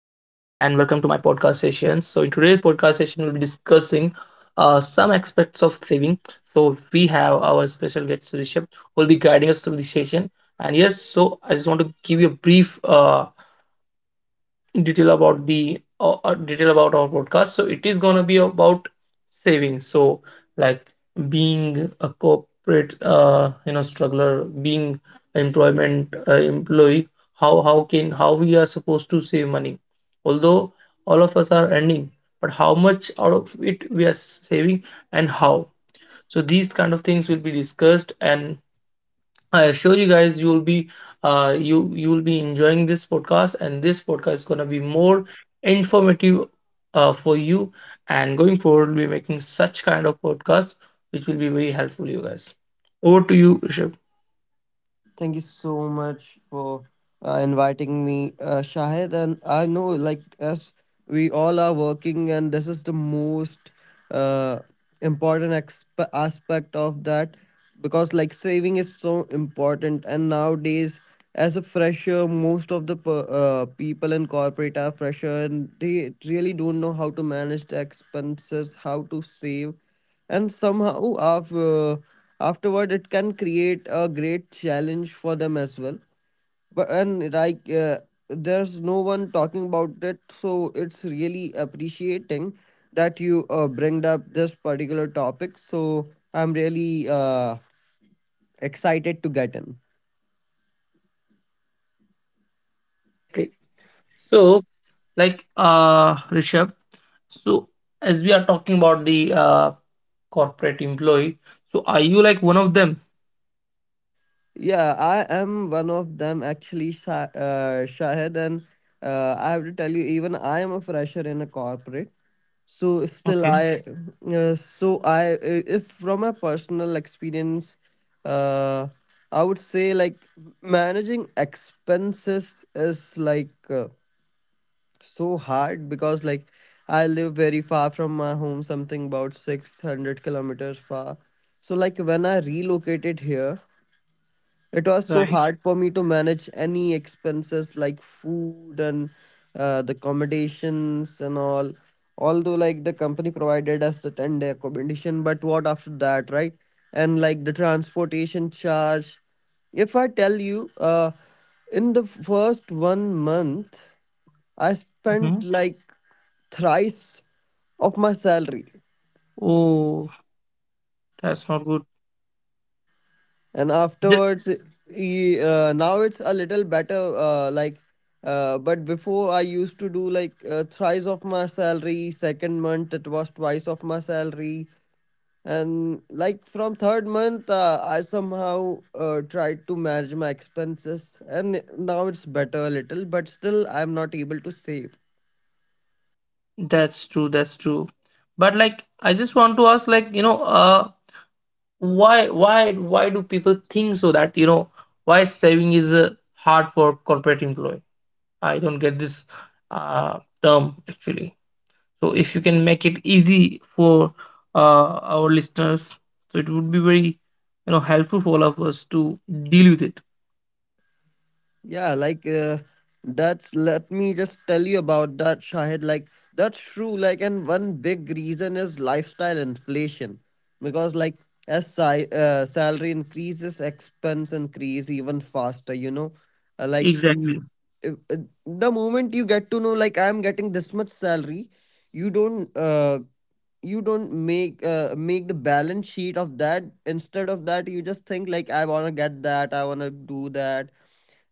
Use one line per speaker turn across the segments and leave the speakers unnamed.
Today's podcast session, we'll be discussing some aspects of saving. So we have our special guest Rishabh who will be guiding us through the session. And yes, so I just want to give you a brief detail about the detail about our podcast, so it is going to be about saving. So like being a corporate you know struggler, being employment employee, how we are supposed to save money. Although all of us are earning, but how much out of it we are saving, and how. So these kind of things will be discussed, and I assure you guys, you'll be you'll be enjoying this podcast, and this podcast is gonna be more informative for you. And going forward, we'll be making such kind of podcast which will be very helpful to you guys. Over to you, Rishabh.
Thank you so much for inviting me, Shahid. And I know, like, as we all are working, and this is the most uh, aspect of that because, like, saving is so important. And nowadays, as a fresher, most of the people in corporate are fresher and they really don't know how to manage the expenses, how to save and afterward it can create a great challenge for them as well but and like, there's no one talking about it, so it's really appreciating that you bring up this particular topic. So I'm really excited to get in.
Exactly. So, Rishabh, so as we are talking about the corporate employee, so are you like one of them?
Yeah, I am one of them actually, Shahid, and I have to tell you, even I am a fresher in a corporate. So still,
Okay,
I so I if from my personal experience, uh, I would say like managing expenses is like so hard because like I live very far from my home, something about 600 kilometers far. So like when I relocated here, it was so
right.
hard for me to manage any expenses, like food and the accommodations and all. Although, like, the company provided us the 10-day accommodation, but what after that, right? And like the transportation charge. If I tell you, in the first 1 month, I spent
hmm
like thrice of my salary.
Oh, that's not good.
And afterwards now it's a little better, but before I used to do like thrice of my salary. Second month it was twice of my salary, and like from third month, I somehow tried to manage my expenses, and now it's better a little, but still I'm not able to save.
That's true. That's true. But like, I just want to ask, like, you know, why do people think so that you know why saving is hard for corporate employee? I don't get this term actually. So if you can make it easy for our listeners, so it would be very you know helpful for all of us to deal with it.
Yeah, like, that's, let me just tell you about that, Shahid. Like, that's true. Like, and one big reason is lifestyle inflation, because like salary increases, expense increase even faster. You know, like
Exactly.
if- uh, the moment you get to know, like I'm getting this much salary, you don't you don't make make the balance sheet of that. Instead of that, you just think like I want to get that, I want to do that.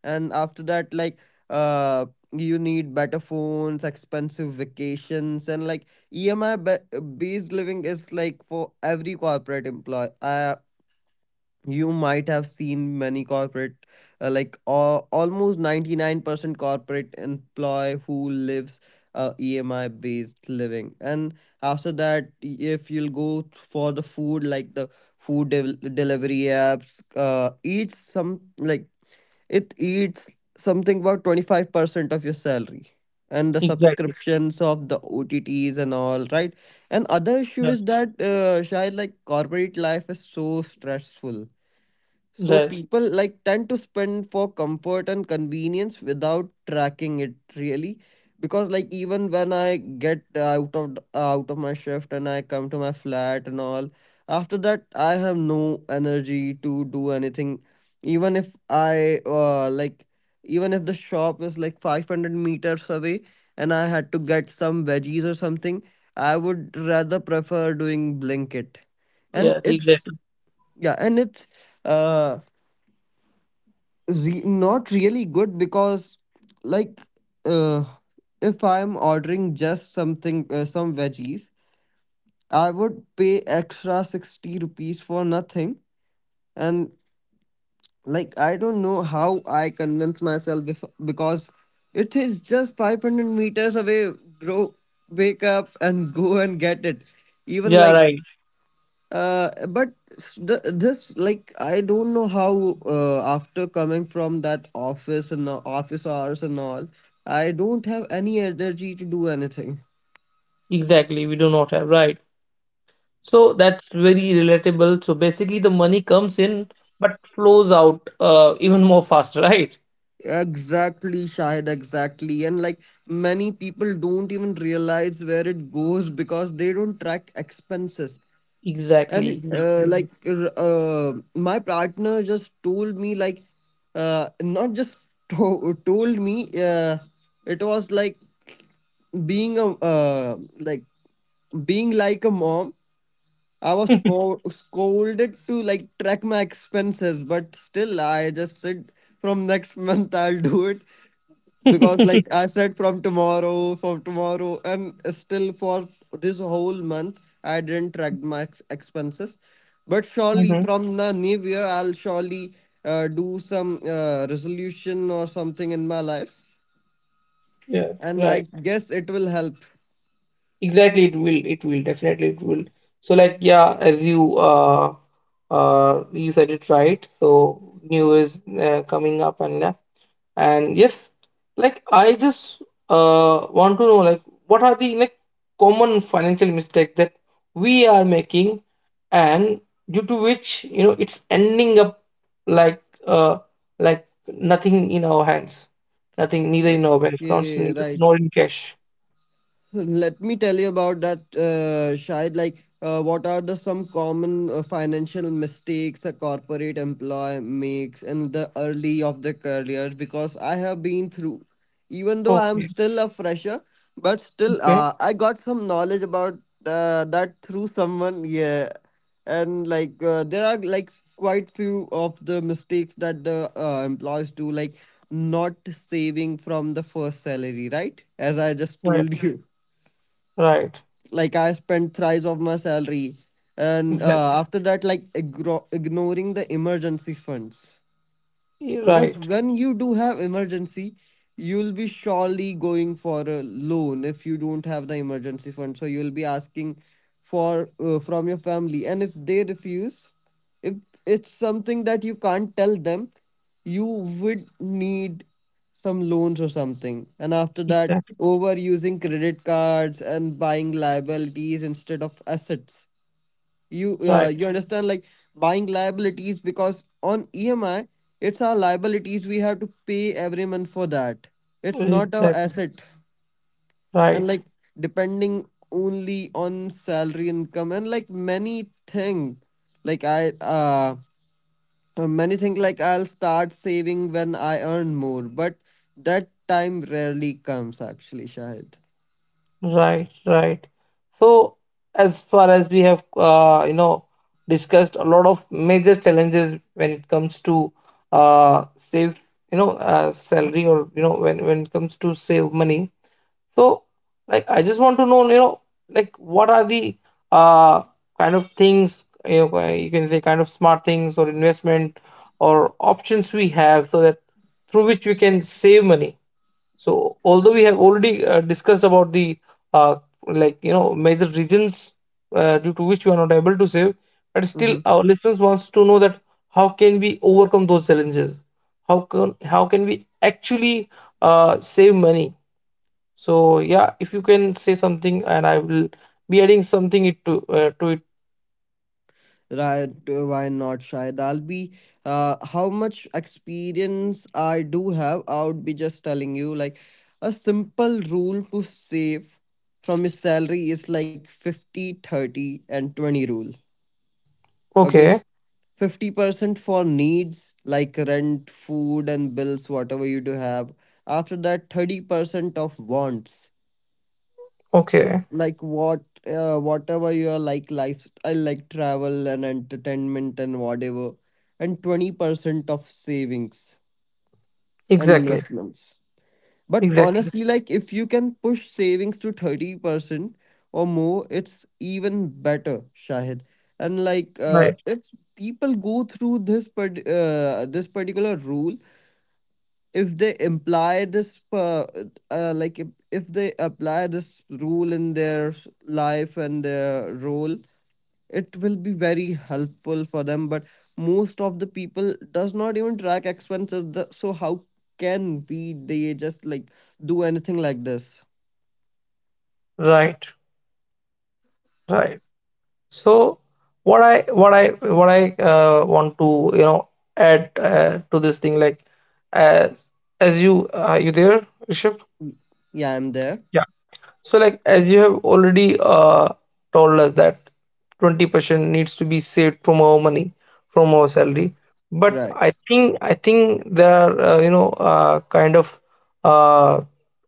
And after that uh you need better phones, expensive vacations, and like based living is like for every corporate employee. You might have seen many corporate — almost 99% corporate employee who lives EMI based living. And after that if you'll go for the food, like the delivery apps, eat some, like it eats something about 25% of your salary, and the
Exactly.
subscriptions of the OTTs and all, right? And other issue is
Yes.
that Shayad, like corporate life is so stressful. So
Yes.
people like tend to spend for comfort and convenience without tracking it, really, because like even when I get out of my shift and I come to my flat and all, after that I have no energy to do anything. Even if I even if the shop is like 500 meters away and I had to get some veggies or something, I would rather prefer doing Blinkit. And
Yes.
it's
Exactly.
yeah and it's uh re- not really good because like uh, if I'm ordering just some veggies, I would pay extra 60 rupees for nothing. And like I don't know how I convince myself because it is just 500 meters away, bro, wake up and go and get it. even
Yeah.
like
Right.
uh, but s- this, like, I don't know how after coming from that office hours and all, I don't have any energy to do anything.
Exactly. We do not have, right. So that's very relatable. So basically, the money comes in but flows out even more faster, right?
Exactly, Shahid, exactly. And like many people don't even realize where it goes because they don't track expenses. And
Exactly. Exactly.
my partner just told me like not just to- told me, it was like, being a being like a mom, I was scolded to like track my expenses. But still I just said from next month I'll do it, because like I said from tomorrow, from tomorrow, and still for this whole month I didn't track my expenses. But surely
Mhm.
from the new year I'll surely do some resolution or something in my life,
Yes,
and I
right.
guess it will help.
Exactly, it will, it will definitely, it will. So like yeah, as you you said it right, so new is coming up and left. And yes, like I just want to know like what are the like common financial mistakes that we are making, and due to which you know it's ending up like uh like nothing in our hands, nothing neither in our bank accounts,
Okay,
neither,
right.
nor in cash.
Let me tell you about that, Shahid. Like, what are the some common financial mistakes a corporate employee makes in the early of the career? Because I have been through, even though I am
Okay.
still a fresher, but still,
Okay.
I got some knowledge about that through someone. Yeah, and like, there are like quite few of the mistakes that the employees do, like not saving from the first salary, right? As I just
Right.
told you,
Right.
like I spent thrice of my salary. And
Exactly.
after that, like ignoring the emergency funds, because
Right.
when you do have emergency, you'll be surely going for a loan. If you don't have the emergency fund, so you'll be asking for from your family, and if they refuse, if it's something that you can't tell them, you would need some loans or something. And after that,
Exactly.
over using credit cards and buying liabilities instead of assets. You
Right.
you understand, like, buying liabilities because on EMI, it's our liabilities, we have to pay every month for that. It's not our
Exactly.
asset. And
Right.
like depending only on salary income, and like like I uh many think like I'll start saving when I earn more, but that time rarely comes actually, Shahid.
Right. Right. So as far as we have you know discussed a lot of major challenges when it comes to save, you know salary, or you know when it comes to save money. So, like, I just want to know, you know, like, what are the uh, kind of things you know, you can say, kind of smart things or investment or options we have so that through which we can save money. So, although we have already discussed about the uh, like, you know, major reasons due to which we are not able to save, but still,
Mm-hmm.
our listeners wants to know that how can we overcome those challenges? How can we actually save money? So yeah, if you can say something, and I will be adding something it to it.
Right, why not, Shahid? I'll be, how much experience I do have, I would be just telling you like a simple rule to save from his salary is like 50, 30, and 20 rule. Okay.
Okay,
50% for needs like rent, food, and bills, whatever you do have. After that, 30% of wants,
okay,
like whatever your like lifestyle, like travel and entertainment and whatever, and 20% of savings and
exactly,
investments. But
exactly,
honestly, like if you can push savings to 30% or more, it's even better, Shahid. And like
right,
if people go through this part this particular rule, if they imply this like if they apply this rule in their life and their role, it will be very helpful for them. But most of the people does not even track expenses, the, so how can we, they just like do anything like this.
right, right. So what I want to you know add to this thing. Like, as as you, are you there, Rishabh?
Yeah, I'm there.
So, like as you have already told us that 20% needs to be saved from our money, from our salary. But I
Right.
think I think there are you know kind of uh,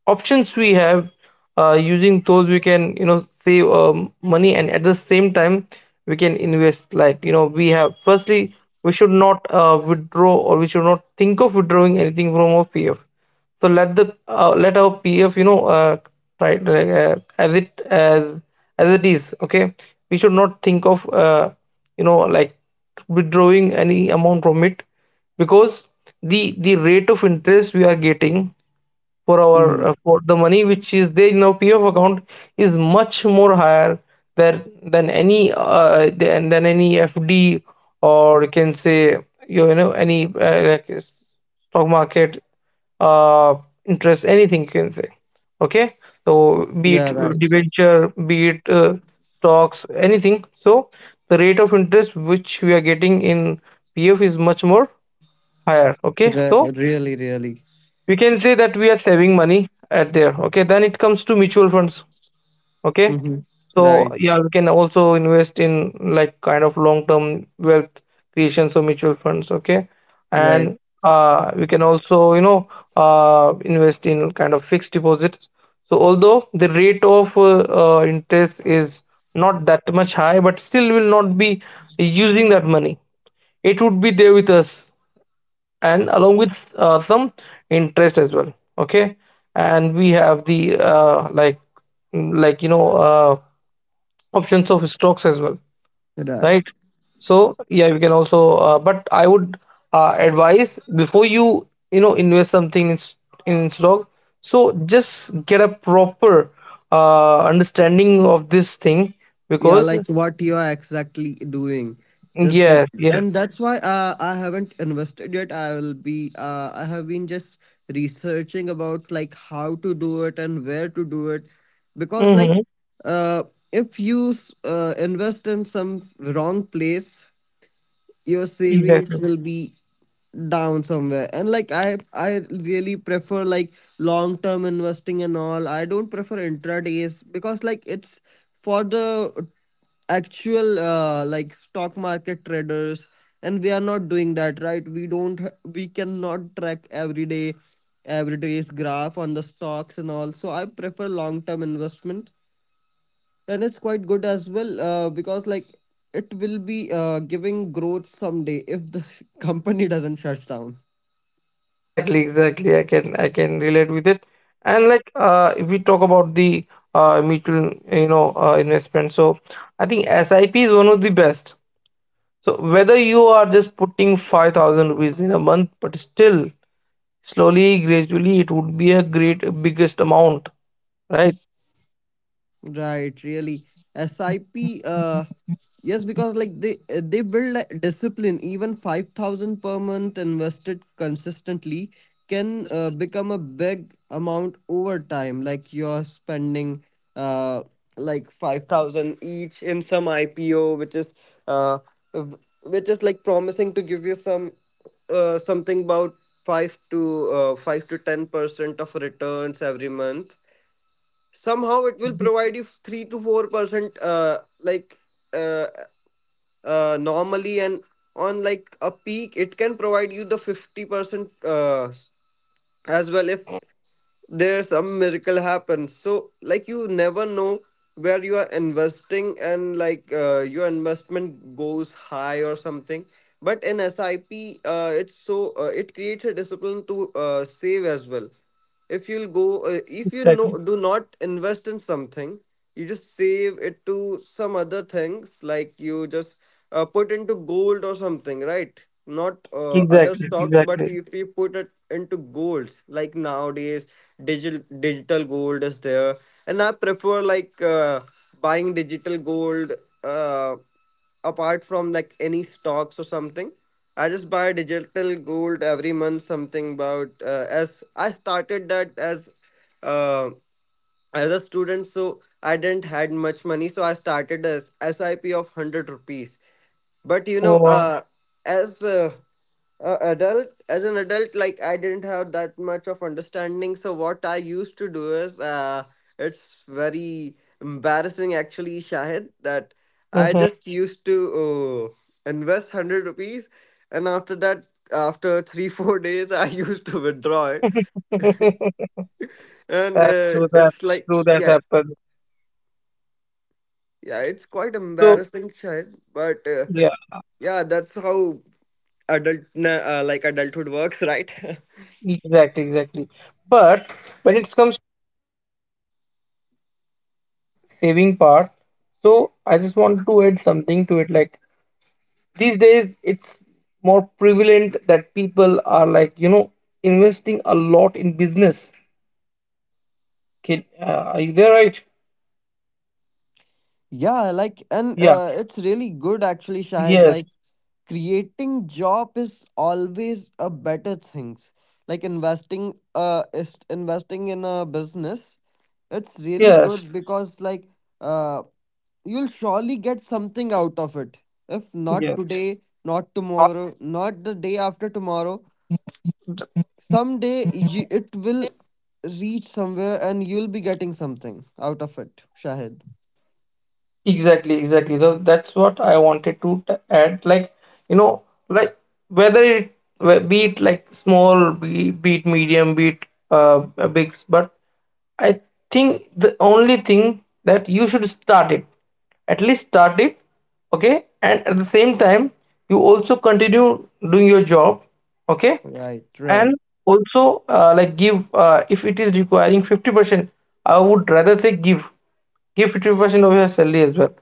options we have. Using those, we can you know save money, and at the same time, we can invest. Like you know, we have, firstly, we should not withdraw, or we should not think of withdrawing anything from our PF. So let the let our PF, you know, try as it is. Okay, we should not think of you know like withdrawing any amount from it, because the rate of interest we are getting for our
Hmm.
for the money which is there in our PF account is much more higher than any than any FD, or you can say you know any like stock market uh, interest, anything you can say. Okay, so be it
Yeah, right.
debenture, be it stocks, anything. So the rate of interest which we are getting in PF is much more higher. Okay, so
Really, really.
we can say that we are saving money at there. Okay, then it comes to mutual funds. Okay,
Hmm.
so
Right.
yeah, we can also invest in like kind of long-term wealth creation, so mutual funds, okay?
Right.
And we can also, you know, invest in kind of fixed deposits. So although the rate of interest is not that much high, but still will not be using that money. It would be there with us, and along with some interest as well, okay? And we have the like you know uh, options of stocks as well, right?
Right.
So yeah, we can also but I would advise before you you know invest something in in stock, so just get a proper understanding of this thing,
Yeah,
because
like what you are exactly doing. Just get,
yes, yes,
and that's why I haven't invested yet. I will be I have been just researching about like how to do it and where to do it, because like
mm-hmm,
uh, if you invest in some wrong place, your savings
exactly.
will be down somewhere. And like I really prefer like long term investing and all. I don't prefer intradays because like it's for the actual like stock market traders, and we are not doing that, right? We don't we cannot track every day, every day's graph on the stocks and all, so I prefer long term investment. And it's quite good as well, because like it will be giving growth someday, if the company doesn't shut down.
Exactly, exactly, I can relate with it. And like if we talk about the mutual, you know investment, so I think SIP is one of the best. So whether you are just putting 5,000 rupees in a month, but still slowly, gradually, it would be a great biggest.
Right, really. SIP, uh, yes, because like they build a discipline. Even 5,000 per month invested consistently can become a big amount over time. Like you're spending uh 5,000 each in some IPO, which is uh w- which is like promising to give you some something about 5 to 10% of returns every month. Somehow it will
Yeah,
provide you 3 to 4% uh, normally, and on like a peak it can provide you the 50% as well, if there's some miracle happens. So like you never know where you are investing, and like your investment goes high or something. But in SIP, it's so it creates a discipline to save as well. If you'll go if you
exactly,
know do not invest in something, you just save it to some other things, like you just put into gold or something, right? Not other
exactly,
stocks,
exactly.
but if we put it into golds, like nowadays, digital gold is there, and I prefer like buying digital gold, uh, apart from like any stocks or something. I just buy digital gold every month, something about as I started that as. Uh, as a student, so I didn't had much money, so I started a sip of 100 rupees. but you know
Oh wow.
uh as uh, as an adult, like, I didn't have that much of understanding. So what I used to do is, it's very embarrassing actually, Shahid, that I
Hmm.
just used to invest 100 rupees. And after that, after 3 4 days I used to withdraw it, and uh, it's
That's
like,
true, that
yeah.
happens with
Yeah,
that.
it's quite
So
embarrassing, Shahid, but
yeah,
yeah, that's how like, adulthood works, right?
exactly, exactly. But when it comes to kind of saving part, so I just want to add something to it. Like, these days it's more prevalent that people are like, you know, investing a lot in business. Can, are you there, right?
Yeah, like, and
Yeah,
uh, it's really good actually, Shahid.
yes,
Like, creating job is always a better things. Like investing, is investing in a business. It's really
yes,
good because, like, uh, you'll surely get something out of it. If not
yes.
today, not tomorrow, not the day after tomorrow, someday it will reach somewhere and you'll be getting something out of it, Shahid.
I wanted to add, like you know, like whether it be it like small, be it medium, be it a big, but I think the only thing that you should start it, at least start it, okay, and at the same time you also continue doing your job, okay,
Right.
and
Right.
also like give if it is requiring 50%, I would rather say give 50% of your salary as well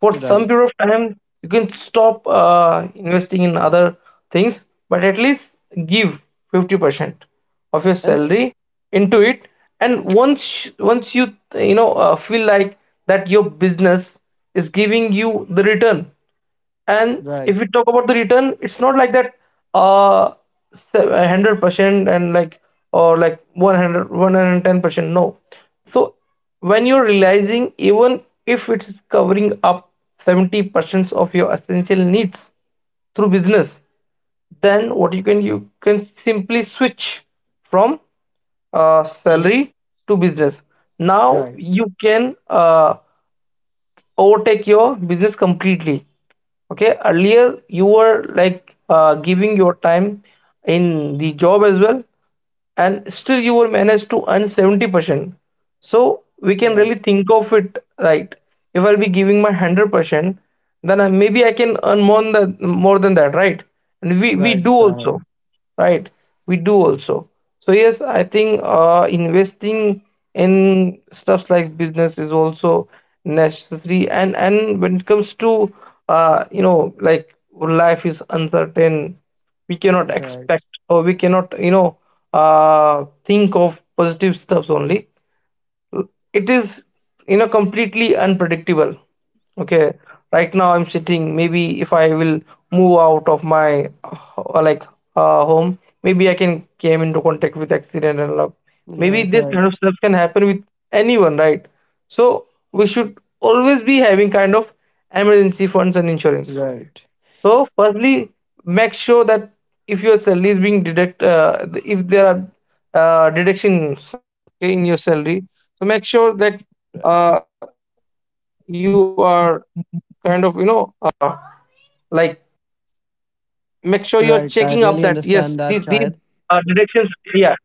for some
Right.
period of time. You can stop investing in other things, but at least give 50% of your
And
salary into it. And once you you know feel like that your business is giving you the return. And if we
right.
talk about the return, it's not like that uh 100%, and like, or like 100, 110%. No. So when you're realizing, even if it's covering up 70% of your essential needs through business, then what you, can you can simply switch from
Mm.
salary to business. Now
Right.
you can overtake your business completely. Okay, earlier you were like giving your time in the job as well, and still you were managed to earn 70%, so we can
Right.
really think of it, right? If I'll be giving my 100%, then I, maybe I can earn more than, that, more than that, right? And we
Right,
do also,
Shahid.
right, we do also. So yes, I think investing in stuffs like business is also necessary. And when it comes to you know like, life is uncertain, we cannot
Right.
expect, or we cannot you know think of positive stuffs only. It is you know completely unpredictable. Okay, right now I'm sitting. Maybe if I will move out of my like home, maybe I can came into contact with accident and love. Maybe
Right.
this
Right.
kind of stuff can happen with anyone, right? So we should always be having kind of emergency funds and insurance.
Right.
So firstly, make sure that if your salary is being deduct, if there are uh,
Right. Right. I really understand that, Shahid.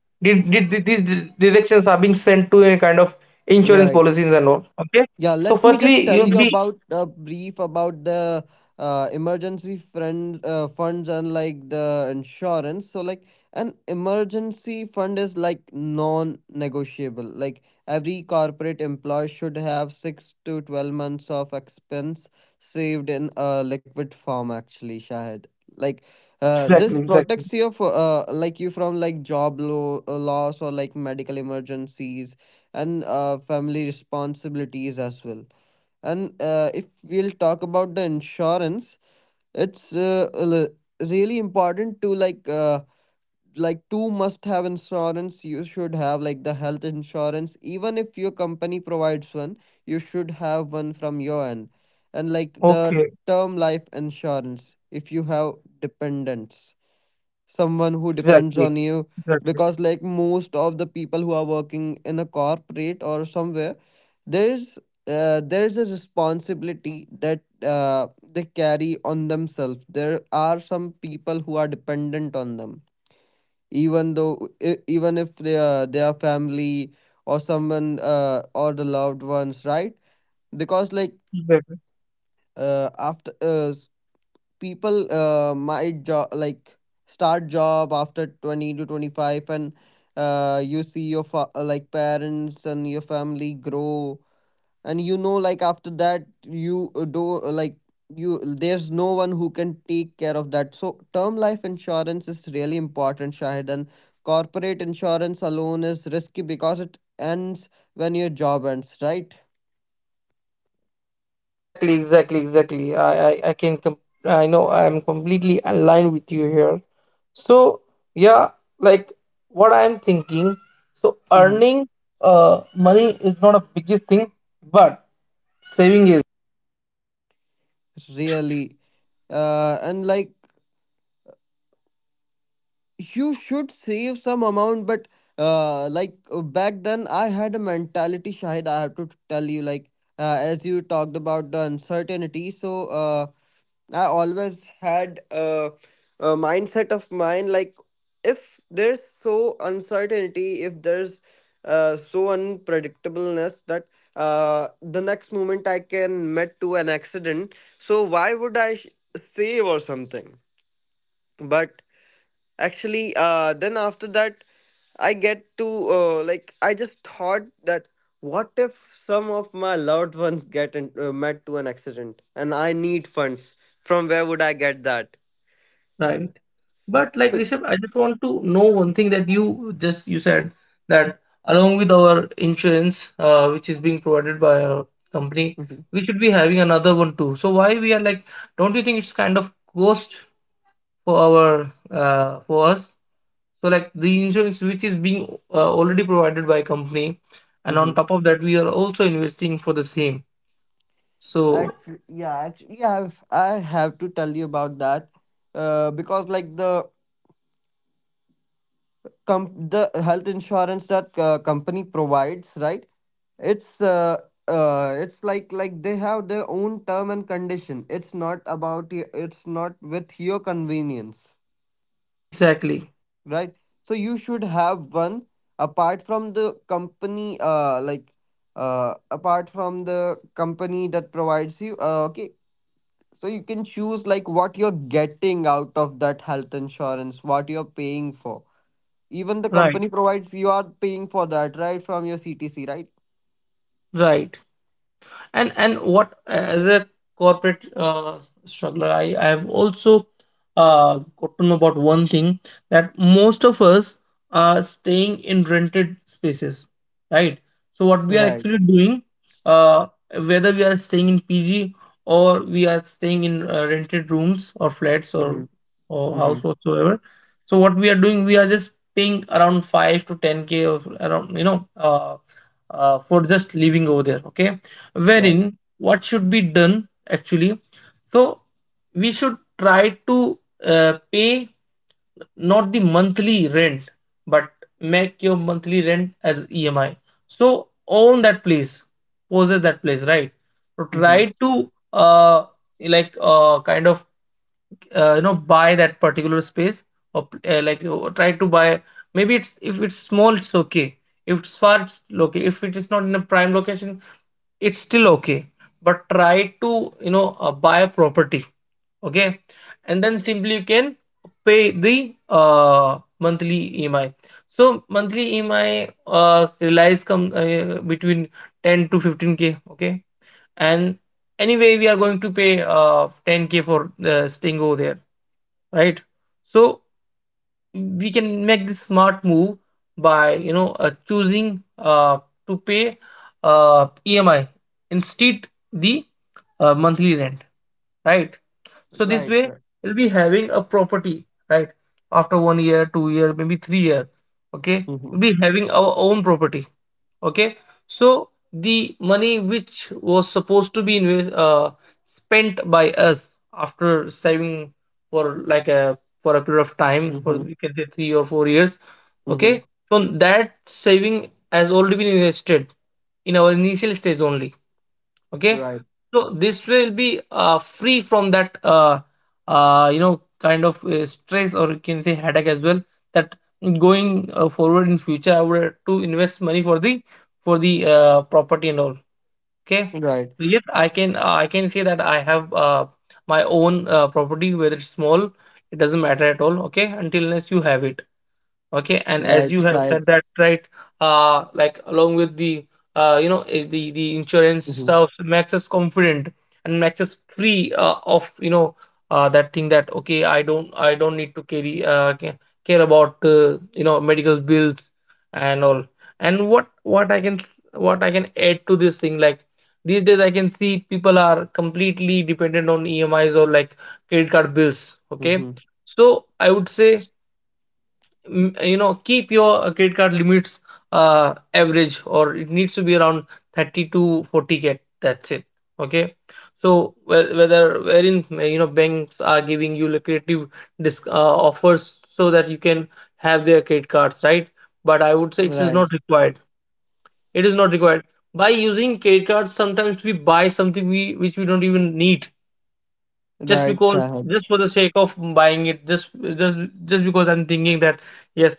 these directions are being sent to a kind of insurance policies and
Right.
all, okay? So
Yeah,
firstly
let
you'll
me just
be
tell you about a brief about the emergency fund funds and, like, the insurance. So, like, an emergency fund is like non-negotiable. Like every corporate employee should have 6 to 12 months of expense saved in a liquid form. Actually, Shahid, like,
exactly,
this
exactly,
protects you for, like, you, from like job loss or like medical emergencies, and family responsibilities as well. And if we'll talk about the insurance, it's a really important to, like, like, two must have insurance. You should have, like, the health insurance, even if your company provides one, you should have one from your end. And, like,
okay,
the term life insurance if you have dependents, someone who
exactly,
depends on you.
exactly,
Because, like, most of the people who are working in a corporate or somewhere, there's, there's a responsibility that they carry on themselves. There are some people who are dependent on them, even though even if they are their family, or someone, or the loved ones, right? Because, like,
exactly,
after, people might job like start job after 20 to 25. And you see your like, parents and your family grow. And, you know, like, after that you, do, like, you, there's no one who can take care of that. So term life insurance is really important, Shahid. And corporate insurance alone is risky because it ends when your job ends, right?
exactly, exactly, exactly. I can I know I'm completely aligned with you here. So yeah, like what I'm thinking, so
Hmm.
earning money is not a biggest thing, but saving is, right?
Really. And, like, you should save some amount, but back then I had a mentality, Shahid. I have to tell you, like, as you talked about the uncertainty. So, I always had, a mindset of mine, like, if there's so uncertainty, if there's, so unpredictableness, that the next moment I can met to an accident. So why would save or something? But actually, then after that, I get to, like, I just thought that, what if some of my loved ones met to an accident and I need funds? From where would I get that?
Right. But like Rishabh, I just want to know one thing that you said that along with our insurance, which is being provided by our company,
Mm-hmm.
we should be having another one too. So why we are like, don't you think it's kind of cost for our for us? So like the insurance which is being already provided by company, and
Mm-hmm.
on top of that we are also investing for the same. So
Actually, yeah, I have to tell you about that, because, like, the com- the health insurance that company provides, right? It's it's like, they have their own term and condition. It's not about it's not with your convenience,
exactly,
right? So you should have one apart from the company, apart from the company that provides you, okay? So you can choose, like, what you're getting out of that health insurance, what you're paying for. Even the
right,
company provides, you are paying for that, right? From your CTC, right?
right. And what, as a corporate struggler, I have also uh, got to know about one thing, that most of us are staying in rented spaces, right? So what we are
Right.
actually doing, uh, whether we are staying in pg or we are staying in rented rooms or flats
Mm-hmm.
or
Mm-hmm.
house whatsoever, so what we are doing, we are just paying around 5 to 10K of around for just living over there. Okay,
Right.
wherein what should be done actually? So we should try to pay not the monthly rent, but make your monthly rent as emi. So own that place, possess that place, right? So try
Mm-hmm.
to uh like, kind of, buy that particular space, or like you try to buy, maybe it's, if it's small it's okay, if it's far it's okay, if it is not in a prime location it's still okay, but try to buy a property. Okay, and then simply you can pay the uh, monthly emi. So monthly emi relies, come between 10 to 15K. Okay, and anyway we are going to pay 10K for staying over there, right? So we can make this smart move by choosing to pay emi instead the monthly rent, right? So this
Right.
way
Right.
you'll be having a property, right? After 1 year, 2 year, maybe 3 year, okay,
Mm-hmm.
we'll be having our own property. Okay, so the money which was supposed to be spent by us after saving for like a for a period of time, for
Mm-hmm.
we can say 3 or 4 years,
Mm-hmm.
okay, so that saving has already been invested in our initial stage only. Okay,
Right.
so this will be free from that kind of stress, or you can say headache as well, that going forward in future I would have to invest money for the for the property and all. Okay,
Right.
so yes, I can I can say that I have my own property, whether it's small, it doesn't matter at all, okay, until unless you have it. Okay, and as
Right,
you have
Shahid.
said that, right, like along with the the insurance
Mm-hmm.
stuff makes us confident and makes us free of, you know, that thing that, okay, I don't need to carry care about, medical bills and all. And what I can add to this thing, like, these days I can see people are completely dependent on emis or like credit card bills. Okay,
Mm-hmm.
so I would say keep your credit card limits average, or it needs to be around 30 to 40K, that's it. Okay, so whether, wherein, banks are giving you lucrative disc, uh, offers so that you can have their credit cards, right? But I would say it is
Right.
not required. It is not required. By using credit cards, sometimes we buy something we which we don't even need, just
Right,
because,
Shahid.
just for the sake of buying it, just just because I'm thinking that yes,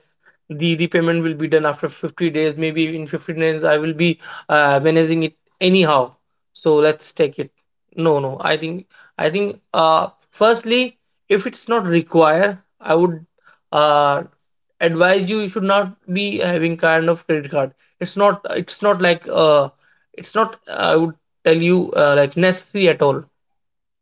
the payment will be done after 50 days, maybe in 50 days I will be managing it anyhow, so let's take it. No no I think, firstly, if it's not required, I would uh advise you, you should not be having kind of credit card. It's not like it's not I would tell you like necessary at all,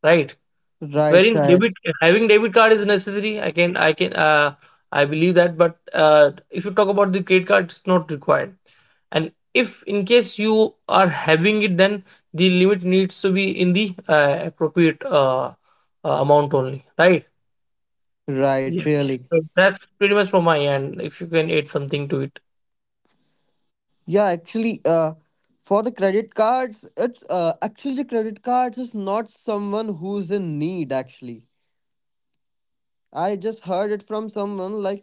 right?
Right,
Wearing
Shahid.
debit, having debit card is necessary. I believe that. But if you talk about the credit card, it's not required. And if in case you are having it, then the limit needs to be in the appropriate amount only, right? Yes.
Right.
So
Really.
that's pretty much from my end. If you can add something to it,
Yeah, actually, for the credit cards, it's, actually the credit cards is not someone who's in need. Actually, I just heard it from someone, like,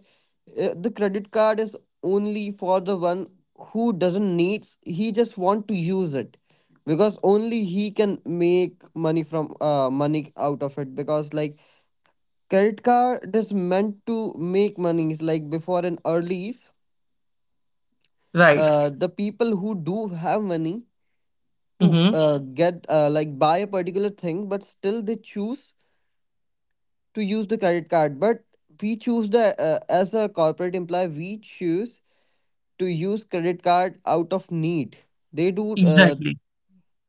the credit card is only for the one who doesn't need, he just want to use it. Because only he can make money from, money out of it, because, like, credit card is meant to make money. It's like before, an earlies,
right?
the people who do have money to,
Mm-hmm.
get like, buy a particular thing, but still they choose to use the credit card. But we choose the, as a corporate employee, we choose to use credit card out of need. They do,
Exactly.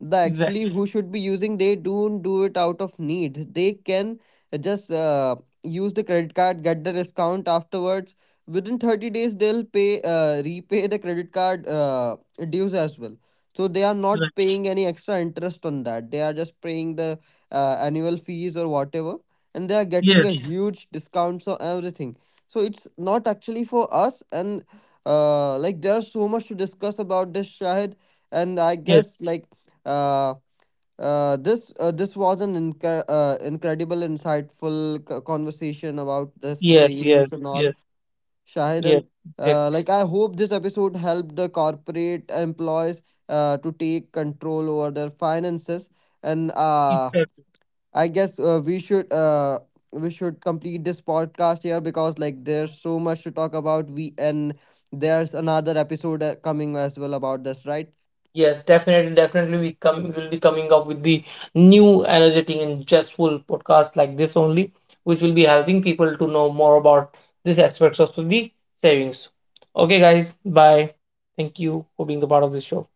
the
Exactly.
actually who should be using, they don't do it out of need, they can just use the credit card, get the discount afterwards. Within 30 days they'll pay repay the credit card dues as well. So they are not
Right.
paying any extra interest on that, they are just paying the annual fees or whatever, and they are getting
Yes.
a huge discounts on everything. So it's not actually for us. And like, there's so much to discuss about this, Shahid. And I
Yes.
guess, like, uh, this, this was an incredible, insightful conversation about the
Yes. Yes.
savings and all,
Yes.
Shahid.
Yes.
And
Exactly.
uh, like, I hope this episode helped the corporate employees to take control over their finances. And
Exactly.
I guess, we should, complete this podcast here, because, like, there's so much to talk about. We, and there's another episode coming as well about this, right?
Yes, definitely, definitely. We come will be coming up with the new energetic and zestful podcast like this only, which will be helping people to know more about these aspects of the savings. Okay, guys, bye. Thank you for being the part of this show.